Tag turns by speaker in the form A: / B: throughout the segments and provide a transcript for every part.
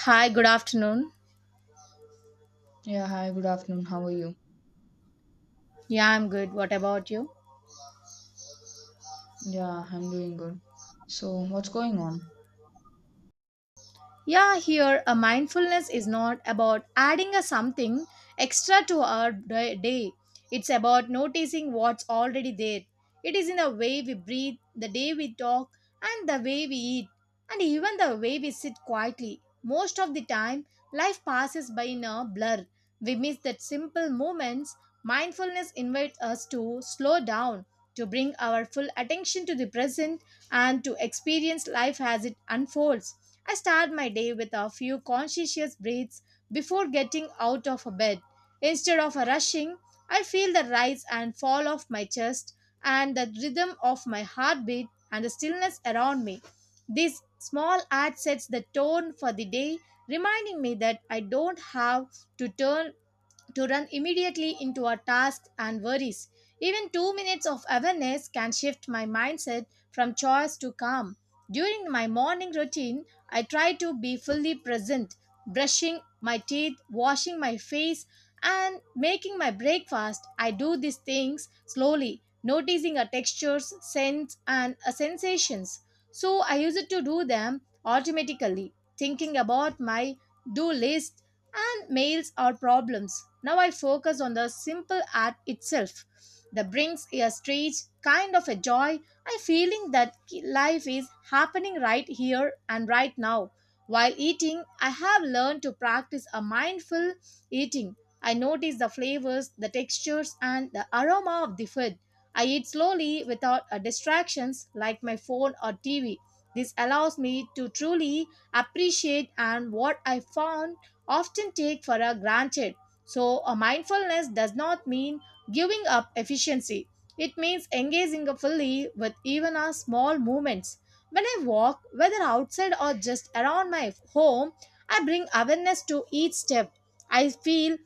A: Hi, good afternoon.
B: Yeah, hi, good afternoon. How are you?
A: Yeah, I'm good. What about you?
B: Yeah, I'm doing good. So, what's going on?
A: Yeah, here a mindfulness is not about adding a something extra to our day. It's about noticing what's already there. It is in the way we breathe, the day we talk, and the way we eat, and even the way we sit quietly. Most of the time, life passes by in a blur. We miss that simple moments. Mindfulness invites us to slow down, to bring our full attention to the present, and to experience life as it unfolds. I start my day with a few conscientious breaths before getting out of bed. Instead of rushing, I feel the rise and fall of my chest and the rhythm of my heartbeat and the stillness around me. This small act sets the tone for the day, reminding me that I don't have to turn to run immediately into our tasks and worries. Even 2 minutes of awareness can shift my mindset from choice to calm. During my morning routine, I try to be fully present, brushing my teeth, washing my face, and making my breakfast. I do these things slowly, noticing a textures, scents, and a sensations. So I used to do them automatically, thinking about my do lists, and mails or problems. Now I focus on the simple act itself. That brings a strange kind of a joy. I feeling that life is happening right here and right now. While eating, I have learned to practice a mindful eating. I notice the flavors, the textures, and the aroma of the food. I eat slowly without distractions like my phone or TV. This allows me to truly appreciate, and what I found often take for a granted. So, a mindfulness does not mean giving up efficiency. It means engaging fully with even our small movements. When I walk, whether outside or just around my home, I bring awareness to each step. I feel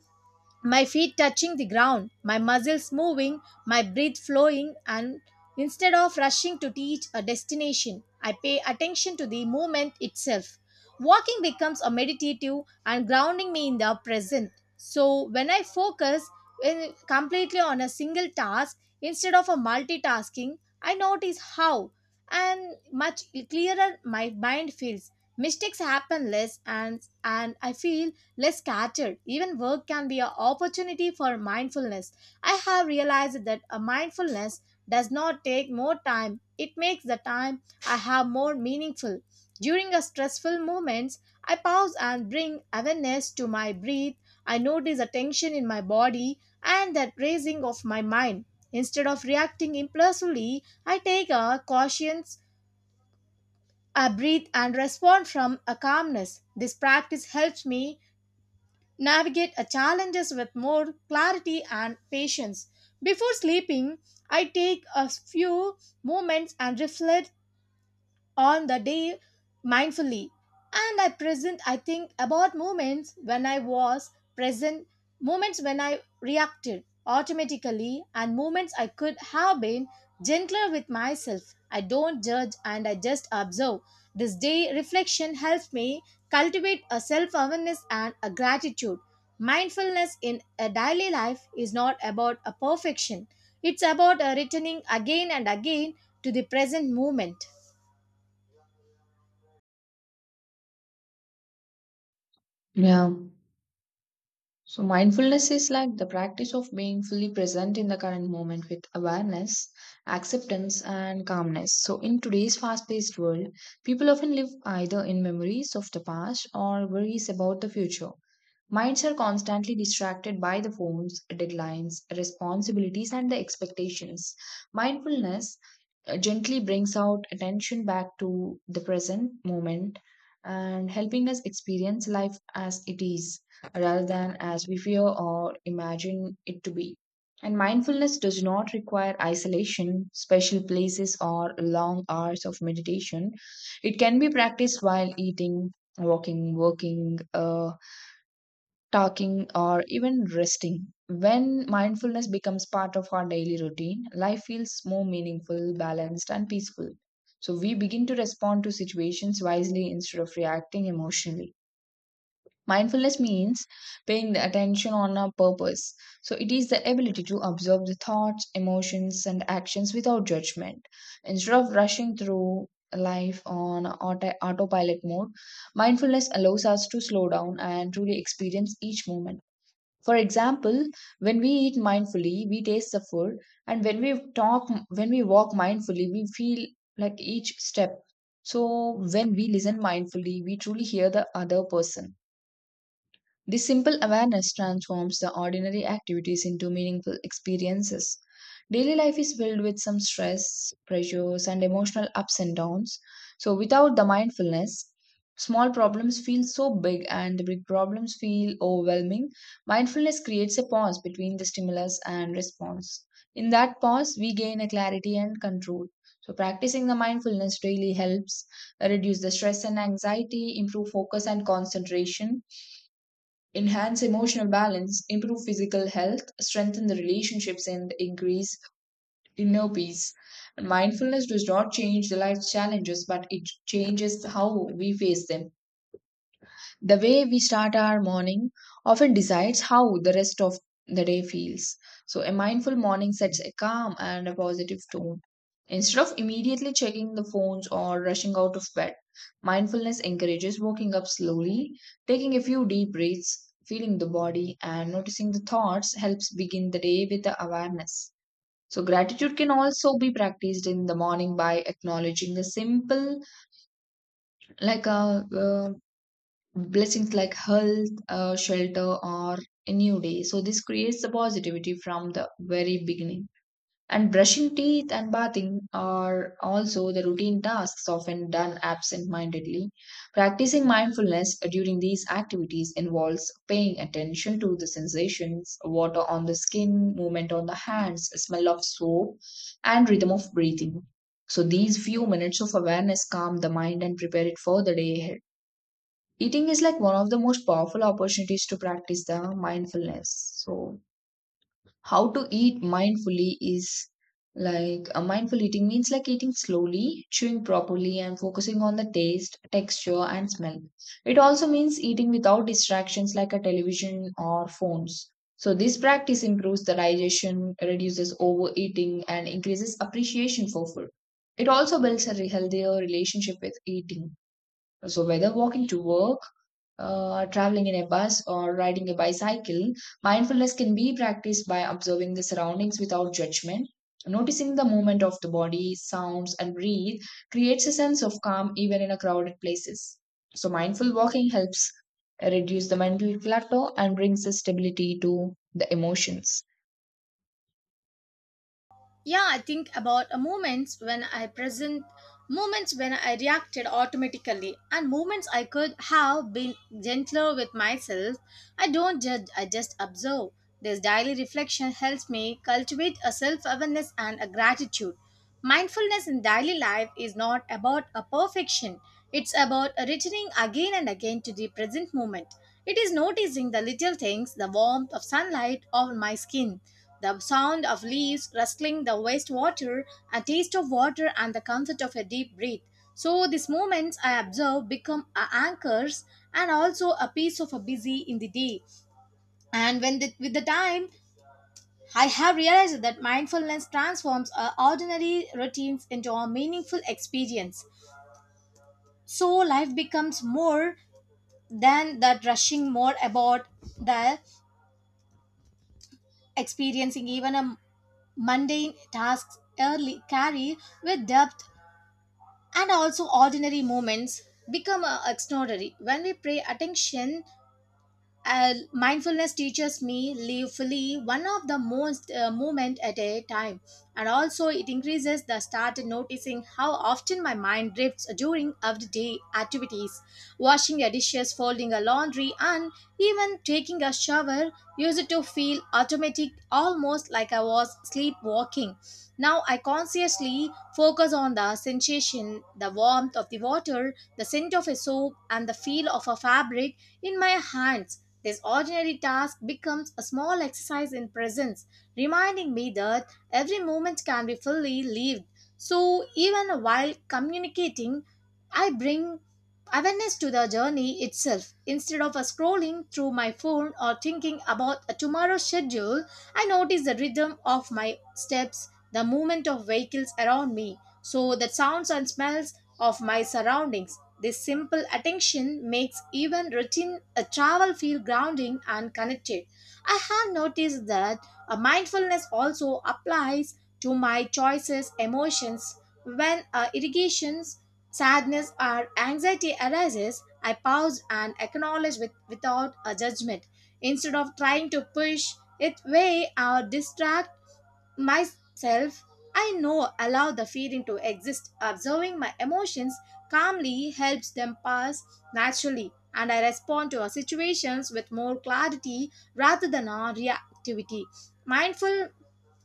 A: my feet touching the ground, my muscles moving, my breath flowing, and instead of rushing to reach a destination, I pay attention to the movement itself. Walking becomes a meditative and grounding me in the present. So when I focus completely on a single task instead of a multitasking, I notice how and much clearer my mind feels. Mistakes happen less and I feel less scattered. Even work can be an opportunity for mindfulness. I have realized that a mindfulness does not take more time. It makes the time I have more meaningful. During a stressful moments, I pause and bring awareness to my breath. I notice a tension in my body and that raising of my mind. Instead of reacting impulsively, I breathe and respond from a calmness. This practice helps me navigate a challenges with more clarity and patience. Before sleeping, I take a few moments and reflect on the day mindfully and I present I think about moments when I was present moments when I reacted automatically and moments I could have been gentler with myself I don't judge and I just observe this day reflection helps me cultivate a self-awareness and a gratitude mindfulness in a daily life is not about a perfection it's about a returning again and again to the present moment
B: Yeah. So, mindfulness is like the practice of being fully present in the current moment with awareness, acceptance, and calmness. So, in today's fast paced world, people often live either in memories of the past or worries about the future. Minds are constantly distracted by the phones, deadlines, responsibilities, and the expectations. Mindfulness gently brings out attention back to the present moment and helping us experience life as it is rather than as we fear or imagine it to be. And mindfulness does not require isolation, special places, or long hours of meditation. It can be practiced while eating, walking, working, talking, or even resting. When mindfulness becomes part of our daily routine, life feels more meaningful, balanced, and peaceful. So we begin to respond to situations wisely instead of reacting emotionally. Mindfulness means paying the attention on a purpose. So it is the ability to observe the thoughts, emotions, and actions without judgment. Instead of rushing through life on autopilot mode, mindfulness allows us to slow down and truly experience each moment. For example, when we eat mindfully, we taste the food, and when we talk, when we walk mindfully, we feel like each step. So, when we listen mindfully, we truly hear the other person. This simple awareness transforms the ordinary activities into meaningful experiences. Daily life is filled with some stress, pressures, and emotional ups and downs. So, without the mindfulness, small problems feel so big and the big problems feel overwhelming. Mindfulness creates a pause between the stimulus and response. In that pause, we gain a clarity and control. So, practicing the mindfulness really helps reduce the stress and anxiety, improve focus and concentration enhance emotional balance, improve physical health, strengthen the relationships, and increase inner peace. Mindfulness does not change the life's challenges, but it changes how we face them. The way we start our morning often decides how the rest of the day feels. So, a mindful morning sets a calm and a positive tone. Instead of immediately checking the phones or rushing out of bed, mindfulness encourages waking up slowly, taking a few deep breaths, feeling the body, and noticing the thoughts helps begin the day with the awareness. So, gratitude can also be practiced in the morning by acknowledging the simple, like a blessings like health, shelter, or a new day. So, this creates the positivity from the very beginning. And brushing teeth and bathing are also the routine tasks often done absent mindedly. Practicing mindfulness during these activities involves paying attention to the sensations, water on the skin, movement on the hands, smell of soap, and rhythm of breathing. So, these few minutes of awareness calm the mind and prepare it for the day ahead. Eating is like one of the most powerful opportunities to practice the mindfulness. So, how to eat mindfully is like a mindful eating means like eating slowly, chewing properly, and focusing on the taste, texture, and smell. It also means eating without distractions like a television or phones. So, this practice improves the digestion, reduces overeating, and increases appreciation for food. It also builds a healthier relationship with eating. So, whether walking to work, traveling in a bus or riding a bicycle, mindfulness can be practiced by observing the surroundings without judgment. Noticing the movement of the body, sounds, and breathe creates a sense of calm even in a crowded places. So, mindful walking helps reduce the mental clutter and brings the stability to the emotions.
A: yeah I think about moments when I present moments when I reacted automatically and moments I could have been gentler with myself I don't judge I just observe this daily reflection helps me cultivate a self-awareness and a gratitude mindfulness in daily life is not about a perfection it's about returning again and again to the present moment it is noticing the little things the warmth of sunlight on my skin the sound of leaves rustling the wastewater, a taste of water, and the comfort of a deep breath. So, these moments I observe become a anchors and also a piece of a busy in the day. And when the, with the time, I have realized that mindfulness transforms our ordinary routines into a meaningful experience. So, life becomes more than that rushing more about the experiencing even a mundane tasks early carry with depth and also ordinary moments become extraordinary when we pay attention mindfulness teaches me live fully one of the most moment at a time and also it increases the start noticing how often my mind drifts during everyday activities washing the dishes folding the laundry and even taking a shower used to feel automatic almost like I was sleepwalking now I consciously focus on the sensation the warmth of the water the scent of a soap and the feel of a fabric in my hands this ordinary task becomes a small exercise in presence, reminding me that every moment can be fully lived. So, even while communicating, I bring awareness to the journey itself. Instead of scrolling through my phone or thinking about a tomorrow's schedule, I notice the rhythm of my steps, the movement of vehicles around me. So, the sounds and smells of my surroundings. This simple attention makes even routine travel feel grounding and connected. I have noticed that mindfulness also applies to my choices, emotions. When irrigations, sadness, or anxiety arises, I pause and acknowledge without a judgment. Instead of trying to push it away or distract myself, I know allow the feeling to exist. Observing my emotions calmly helps them pass naturally, and I respond to our situations with more clarity rather than our reactivity. Mindful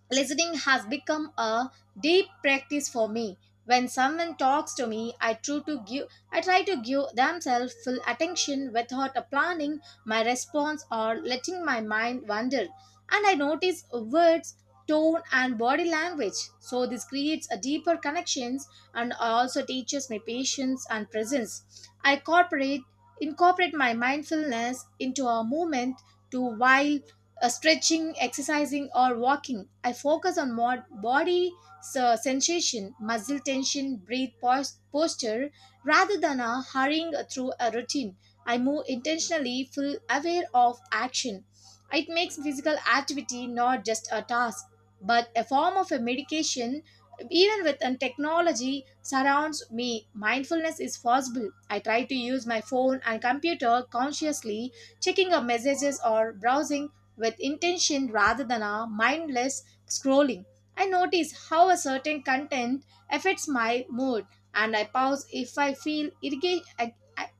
A: listening has become a deep practice for me. When someone talks to me, I try to give themselves full attention without planning my response or letting my mind wander. And I notice words, tone and body language. So this creates a deeper connections and also teaches me patience and presence. I incorporate my mindfulness into a moment to while stretching, exercising, or walking. I focus on body sensation, muscle tension, breathe posture, rather than hurrying through a routine. I move intentionally, full aware of action. It makes physical activity not just a task, but a form of a medication. Even with an technology surrounds me, mindfulness is possible. I try to use my phone and computer consciously checking our messages or browsing with intention rather than a mindless scrolling. I notice how a certain content affects my mood and I pause if I feel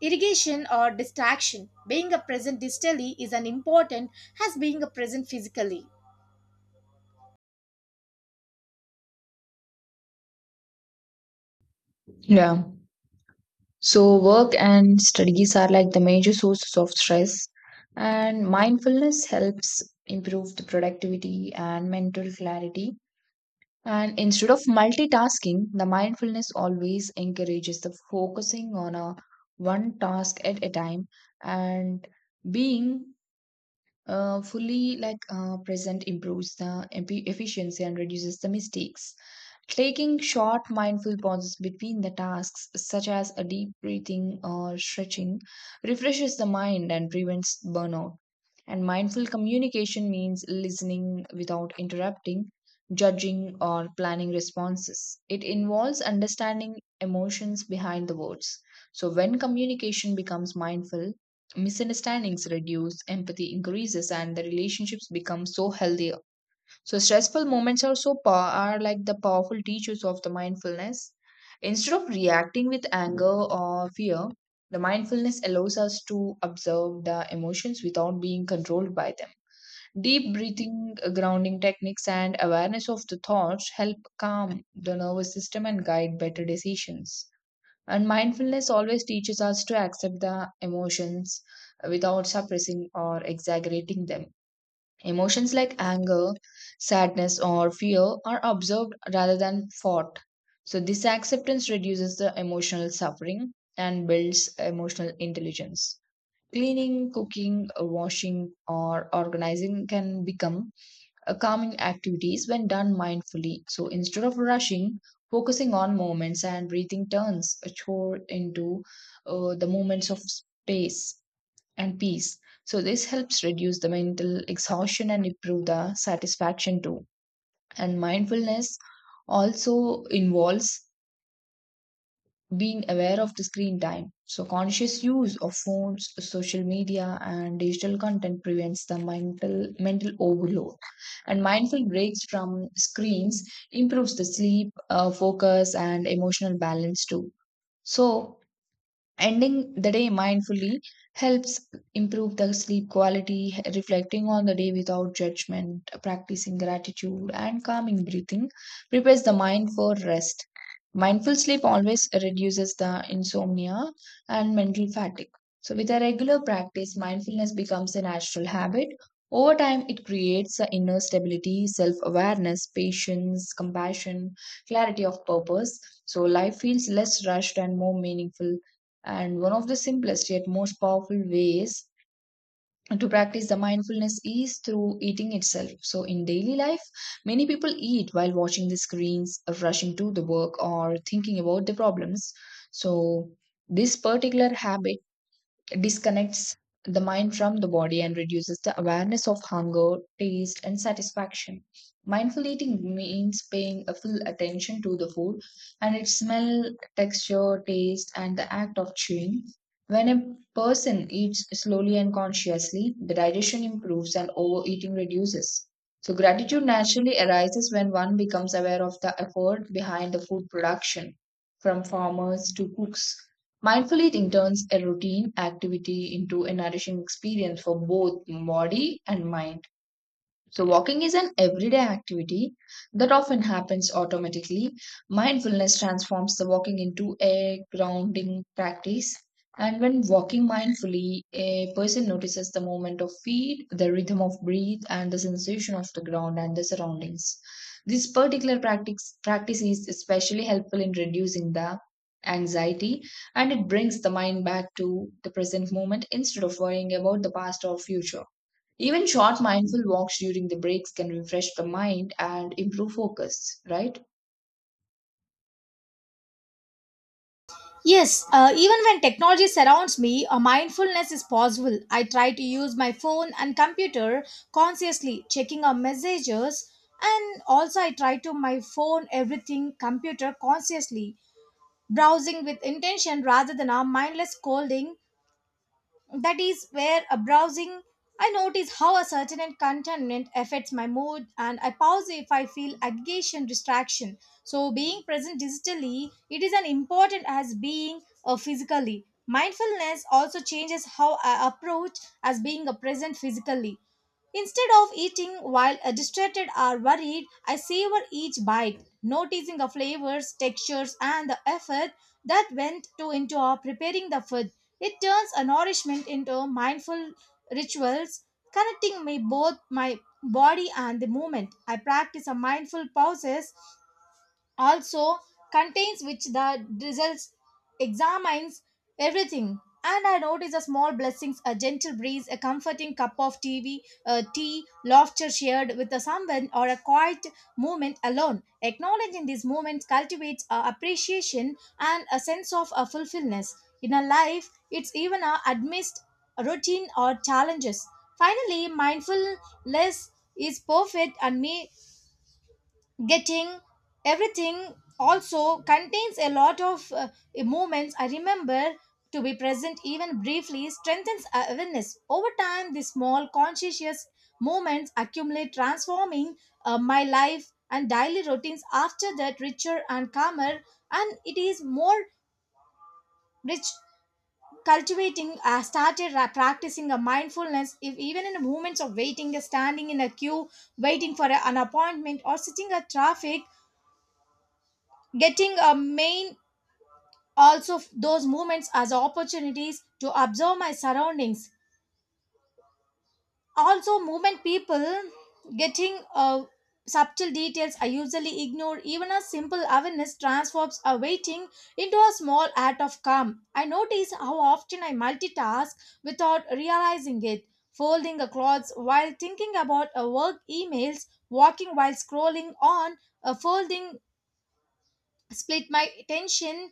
A: irrigation or distraction. Being a present digitally is as important as being a present physically.
B: Yeah. So, work and studies are like the major sources of stress, and mindfulness helps improve the productivity and mental clarity. And instead of multitasking, the mindfulness always encourages the focusing on a one task at a time and being fully like present improves the efficiency and reduces the mistakes. Taking short mindful pauses between the tasks, such as a deep breathing or stretching, refreshes the mind and prevents burnout. And mindful communication means listening without interrupting, judging, or planning responses. It involves understanding emotions behind the words. So, when communication becomes mindful, misunderstandings reduce, empathy increases, and the relationships become so healthy so stressful moments are so are like the powerful teachers of the mindfulness. Instead of reacting with anger or fear, the mindfulness allows us to observe the emotions without being controlled by them. Deep breathing, grounding techniques, and awareness of the thoughts help calm the nervous system and guide better decisions. And mindfulness always teaches us to accept the emotions without suppressing or exaggerating them. Emotions like anger, sadness, or fear are observed rather than fought. So, this acceptance reduces the emotional suffering and builds emotional intelligence. Cleaning, cooking, washing, or organizing can become a calming activities when done mindfully. So, instead of rushing, focusing on moments and breathing turns a chore into the moments of space and peace. So, this helps reduce the mental exhaustion and improve the satisfaction too. And mindfulness also involves being aware of the screen time. So, conscious use of phones, social media, and digital content prevents the mental overload. And mindful breaks from screens improves the sleep, focus, and emotional balance too. So, ending the day mindfully helps improve the sleep quality, reflecting on the day without judgment, practicing gratitude, and calming breathing prepares the mind for rest. Mindful sleep always reduces the insomnia and mental fatigue. So, with a regular practice, mindfulness becomes a natural habit. Over time, it creates the inner stability, self awareness, patience, compassion, clarity of purpose. So, life feels less rushed and more meaningful. And one of the simplest yet most powerful ways to practice the mindfulness is through eating itself. So, in daily life, many people eat while watching the screens, rushing to the work, or thinking about the problems. So, this particular habit disconnects the mind from the body and reduces the awareness of hunger, taste, and satisfaction. Mindful eating means paying a full attention to the food and its smell, texture, taste, and the act of chewing. When a person eats slowly and consciously, the digestion improves and overeating reduces. So, gratitude naturally arises when one becomes aware of the effort behind the food production, from farmers to cooks. Mindful eating turns a routine activity into a nourishing experience for both body and mind. So, walking is an everyday activity that often happens automatically. Mindfulness transforms the walking into a grounding practice. And when walking mindfully, a person notices the movement of feet, the rhythm of breath, and the sensation of the ground and the surroundings. This practice is especially helpful in reducing the anxiety and it brings the mind back to the present moment instead of worrying about the past or future. Even short mindful walks during the breaks can refresh the mind and improve focus, right?
A: Yes, even when technology surrounds me, a mindfulness is possible. I try to use my phone and computer consciously, checking our messages, and also I try to my phone, everything, computer consciously, browsing with intention rather than a mindless scrolling. That is where a browsing, I notice how a certain and contentment affects my mood and I pause if I feel agitation, distraction. So being present digitally, it is as important as being physically. Mindfulness also changes how I approach as being a present physically. Instead of eating while distracted or worried, I savor each bite, noticing the flavors, textures, and the effort that went to into our preparing the food. It turns a nourishment into mindful rituals, connecting me both my body and the movement. I practice a mindful pauses also contains which the results examines everything and I notice a small blessings a gentle breeze a comforting cup of tv tea laughter shared with a someone or a quiet moment alone acknowledging these moments cultivates appreciation and a sense of a fulfillment in a life it's even a amidst routine or challenges finally mindfulness is perfect and me getting everything also contains a lot of movements I remember to be present even briefly strengthens awareness over time these small conscientious movements accumulate transforming my life and daily routines after that richer and calmer and it is more rich cultivating started practicing a mindfulness if even in the moments of waiting standing in a queue waiting for an appointment or sitting at traffic getting a main also those movements as opportunities to observe my surroundings also movement people getting subtle details I usually ignore even a simple awareness transforms a waiting into a small act of calm I notice how often I multitask without realizing it folding a clothes while thinking about a work emails walking while scrolling on a folding split my attention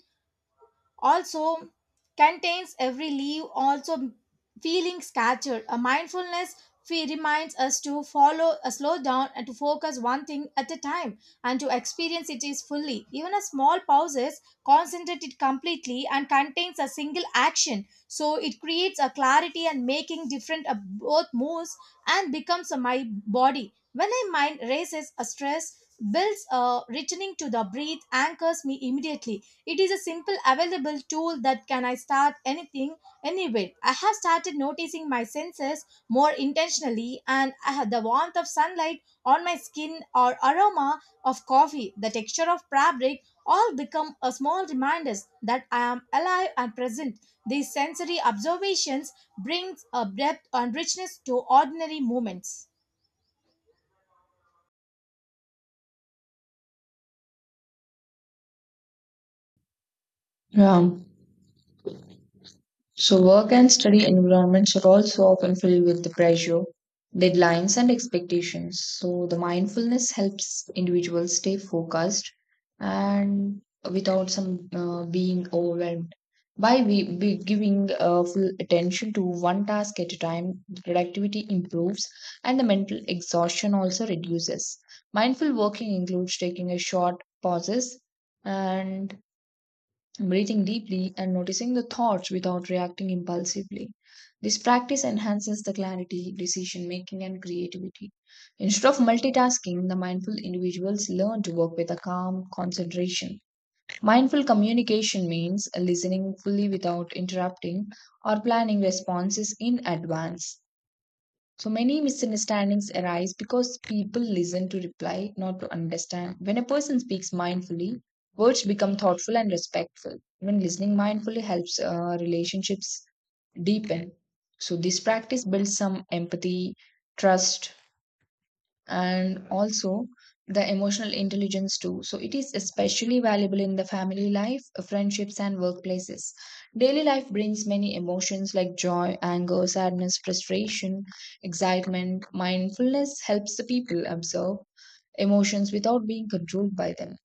A: also contains every leaf also feeling scattered a mindfulness fee reminds us to follow a slow down and to focus one thing at a time and to experience it is fully even a small pauses concentrate it completely and contains a single action so it creates a clarity and making different of both moves and becomes a my body when my mind races a stress builds a returning to the breath anchors me immediately it is a simple, available tool That can I start anything, anywhere. I have started noticing my senses more intentionally, and I have the warmth of sunlight on my skin or aroma of coffee, the texture of fabric, all become a small reminders that I am alive and present. These sensory observations brings a depth and richness to ordinary moments.
B: Yeah. So, work and study environments are also often filled with the pressure, deadlines, and expectations. So, the mindfulness helps individuals stay focused and without some being overwhelmed. Be giving full attention to one task at a time, productivity improves and the mental exhaustion also reduces. Mindful working includes taking a short pauses and breathing deeply and noticing the thoughts without reacting impulsively. This practice enhances the clarity, decision making, and creativity. Instead of multitasking, the mindful individuals learn to work with a calm concentration. Mindful communication means listening fully without interrupting or planning responses in advance. So many misunderstandings arise because people listen to reply, not to understand. When a person speaks mindfully, words become thoughtful and respectful. Even listening mindfully helps relationships deepen. So, this practice builds some empathy, trust, and also the emotional intelligence too. So it is especially valuable in the family life, friendships, and workplaces. Daily life brings many emotions like joy, anger, sadness, frustration, excitement. Mindfulness helps the people observe emotions without being controlled by them.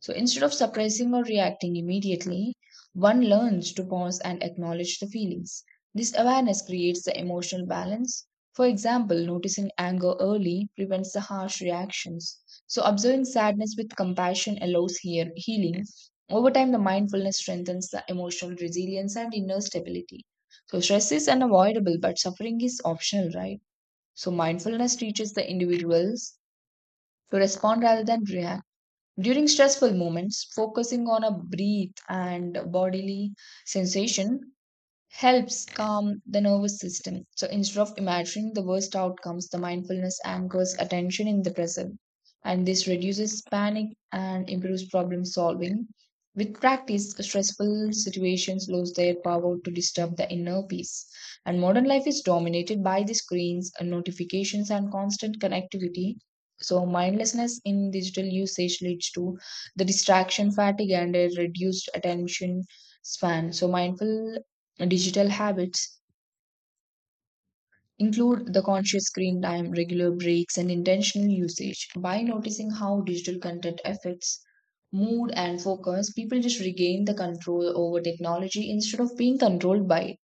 B: So instead of suppressing or reacting immediately, one learns to pause and acknowledge the feelings. This awareness creates the emotional balance. For example, noticing anger early prevents the harsh reactions. So observing sadness with compassion allows healing. Over time, the mindfulness strengthens the emotional resilience and inner stability. So stress is unavoidable, but suffering is optional, right? So mindfulness teaches the individuals to respond rather than react. During stressful moments, focusing on a breath and bodily sensation helps calm the nervous system. So instead of imagining the worst outcomes, the mindfulness anchors attention in the present. And this reduces panic and improves problem solving. With practice, stressful situations lose their power to disturb the inner peace. And modern life is dominated by the screens, and notifications, and constant connectivity. So, mindlessness in digital usage leads to the distraction fatigue and a reduced attention span. So, mindful digital habits include the conscious screen time, regular breaks, and intentional usage. By noticing how digital content affects mood and focus, people just regain the control over technology instead of being controlled by it.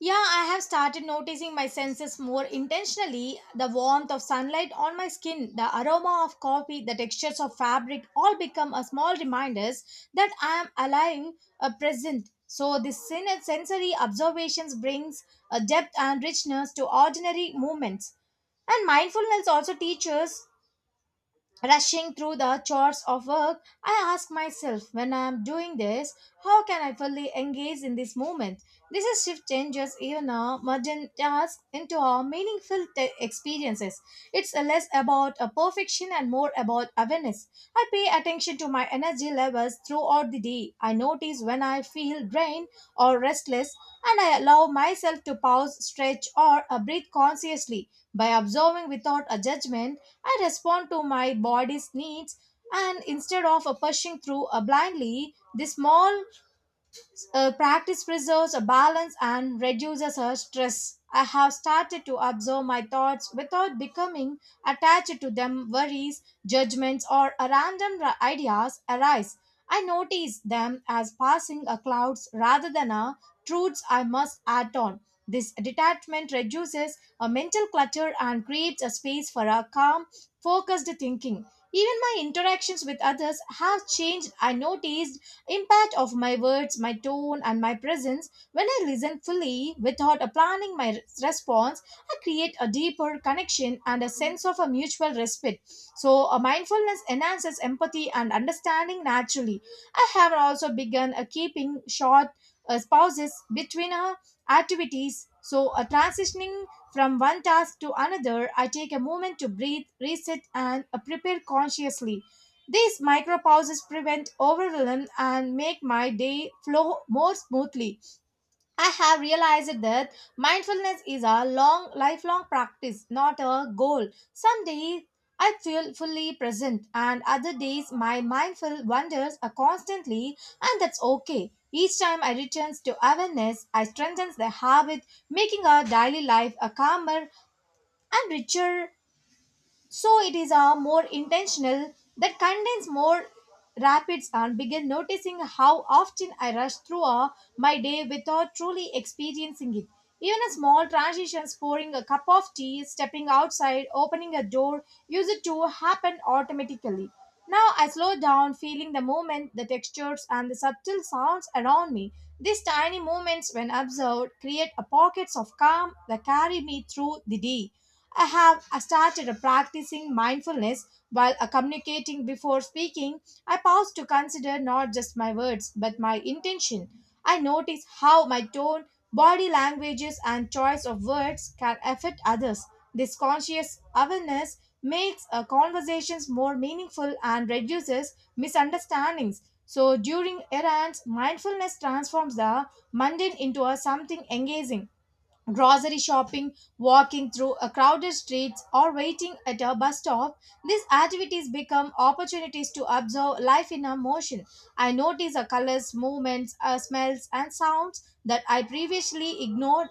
A: Yeah, I have started noticing my senses more intentionally. The warmth of sunlight on my skin, the aroma of coffee, the textures of fabric all become a small reminders that I am alive, present. So this sensory observations brings a depth and richness to ordinary moments. And mindfulness also teaches rushing through the chores of work, I ask myself when I am doing this, how can I fully engage in this moment? This is shift changes even a mundane task into a meaningful experiences. It's less about a perfection and more about awareness. I pay attention to my energy levels throughout the day. I notice when I feel drained or restless, and I allow myself to pause, stretch, or breathe consciously by observing without a judgment. I respond to my body's needs and instead of pushing through blindly, the small practice preserves a balance and reduces her stress. I have started to observe my thoughts without becoming attached to them. Worries, judgments, or random ideas arise. I notice them as passing a clouds rather than a truths I must act on. This detachment reduces a mental clutter and creates a space for a calm, focused thinking. Even my interactions with others have changed. I noticed impact of my words, my tone, and my presence. When I listen fully without a planning my response, I create a deeper connection and a sense of a mutual respect. So, a mindfulness enhances empathy and understanding naturally. I have also begun a keeping short pauses between activities. So, a transitioning from one task to another, I take a moment to breathe, reset, and prepare consciously. These micro pauses prevent overwhelm and make my day flow more smoothly. I have realized that mindfulness is a long, lifelong practice, not a goal. Some days I feel fully present, and other days my mindful wanders are constantly, and that's okay. Each time I returns to awareness, I strengthens the habit, making our daily life a calmer and richer so it is a more intentional that contains more rapids and begin noticing how often I rush through my day without truly experiencing it. Even a small transitions, pouring a cup of tea, stepping outside, opening a door, use it to happen automatically. Now I slow down, feeling the movement, the textures, and the subtle sounds around me. These tiny moments, when observed, create a pockets of calm that carry me through the day. I have started practicing mindfulness while communicating before speaking. I pause to consider not just my words but my intention. I notice how my tone, body languages, and choice of words can affect others. This conscious awareness makes conversations more meaningful and reduces misunderstandings. So, during errands, mindfulness transforms the mundane into a something engaging grocery shopping, walking through a crowded streets, or waiting at a bus stop, these activities become opportunities to observe life in a motion. I notice the colors, movements, smells, and sounds that I previously ignored.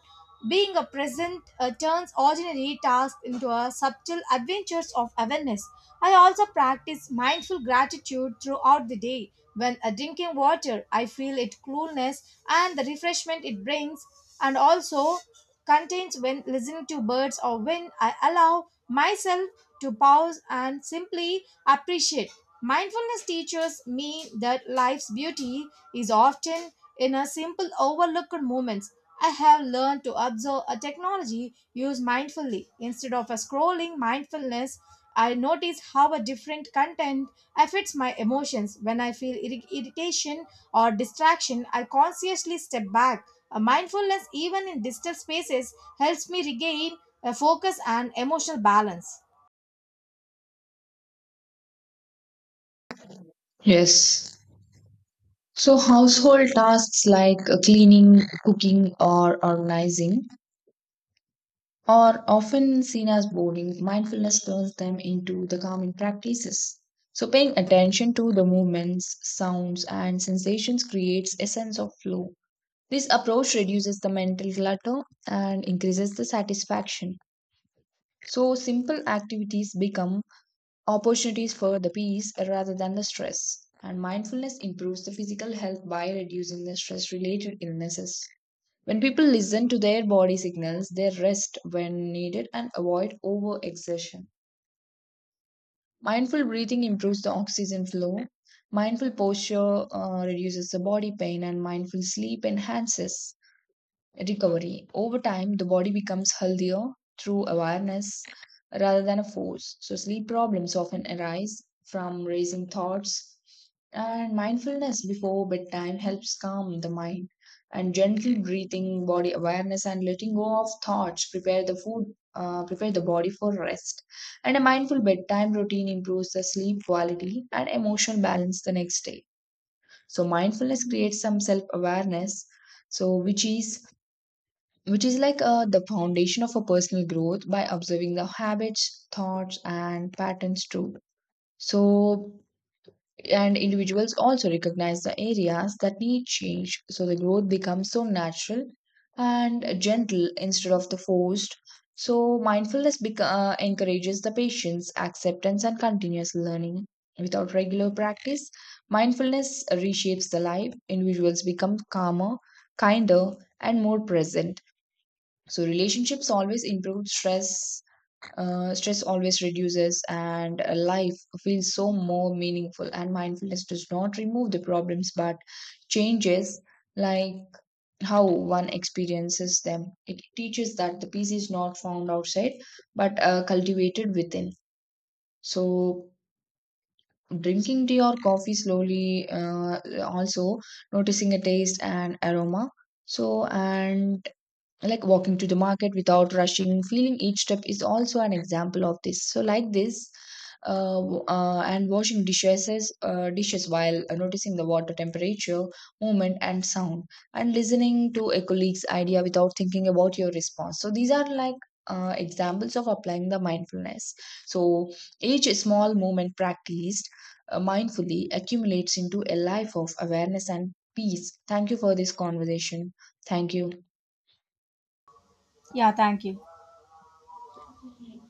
A: Being a present turns ordinary tasks into a subtle adventures of awareness. I also practice mindful gratitude throughout the day. When drinking water, I feel its coolness and the refreshment it brings, and also contains when listening to birds or when I allow myself to pause and simply appreciate. Mindfulness teaches me that life's beauty is often in a simple overlooked moments. I have learned to observe a technology used mindfully. Instead of a scrolling mindfulness, I notice how a different content affects my emotions. When I feel irritation or distraction, I consciously step back a mindfulness, even in digital spaces, helps me regain a focus and emotional balance.
B: Yes. So, household tasks like cleaning, cooking, or organizing are often seen as boring, mindfulness turns them into the calming practices. So, paying attention to the movements, sounds, and sensations creates a sense of flow. This approach reduces the mental clutter and increases the satisfaction. So, simple activities become opportunities for the peace rather than the stress. And mindfulness improves the physical health by reducing the stress related illnesses. When people listen to their body signals, they rest when needed and avoid overexertion. Mindful breathing improves the oxygen flow. Mindful posture reduces the body pain, and mindful sleep enhances recovery. Over time, the body becomes healthier through awareness rather than a force. So, sleep problems often arise from racing thoughts, and mindfulness before bedtime helps calm the mind. And gentle breathing, body awareness, and letting go of thoughts prepare the body for rest. And a mindful bedtime routine improves the sleep quality and emotional balance the next day. So mindfulness creates some self awareness, so which is which is like the foundation of a personal growth by observing the habits, thoughts, and patterns too. So and individuals also recognize the areas that need change, so the growth becomes so natural and gentle instead of the forced. So mindfulness encourages the patience, acceptance, and continuous learning. Without regular practice, mindfulness reshapes the life. Individuals become calmer, kinder, and more present. So relationships always improve, stress always reduces, and life feels so more meaningful. And mindfulness does not remove the problems, but changes like how one experiences them. It teaches that the peace is not found outside but cultivated within. So drinking tea or coffee slowly, also noticing a taste and aroma. So and like walking to the market without rushing, feeling each step is also an example of this. So like this, and washing dishes while noticing the water temperature, movement, and sound, and listening to a colleague's idea without thinking about your response. So these are like examples of applying the mindfulness. So each small moment practiced mindfully accumulates into a life of awareness and peace. Thank you for this conversation. Thank you.
A: Yeah, thank you.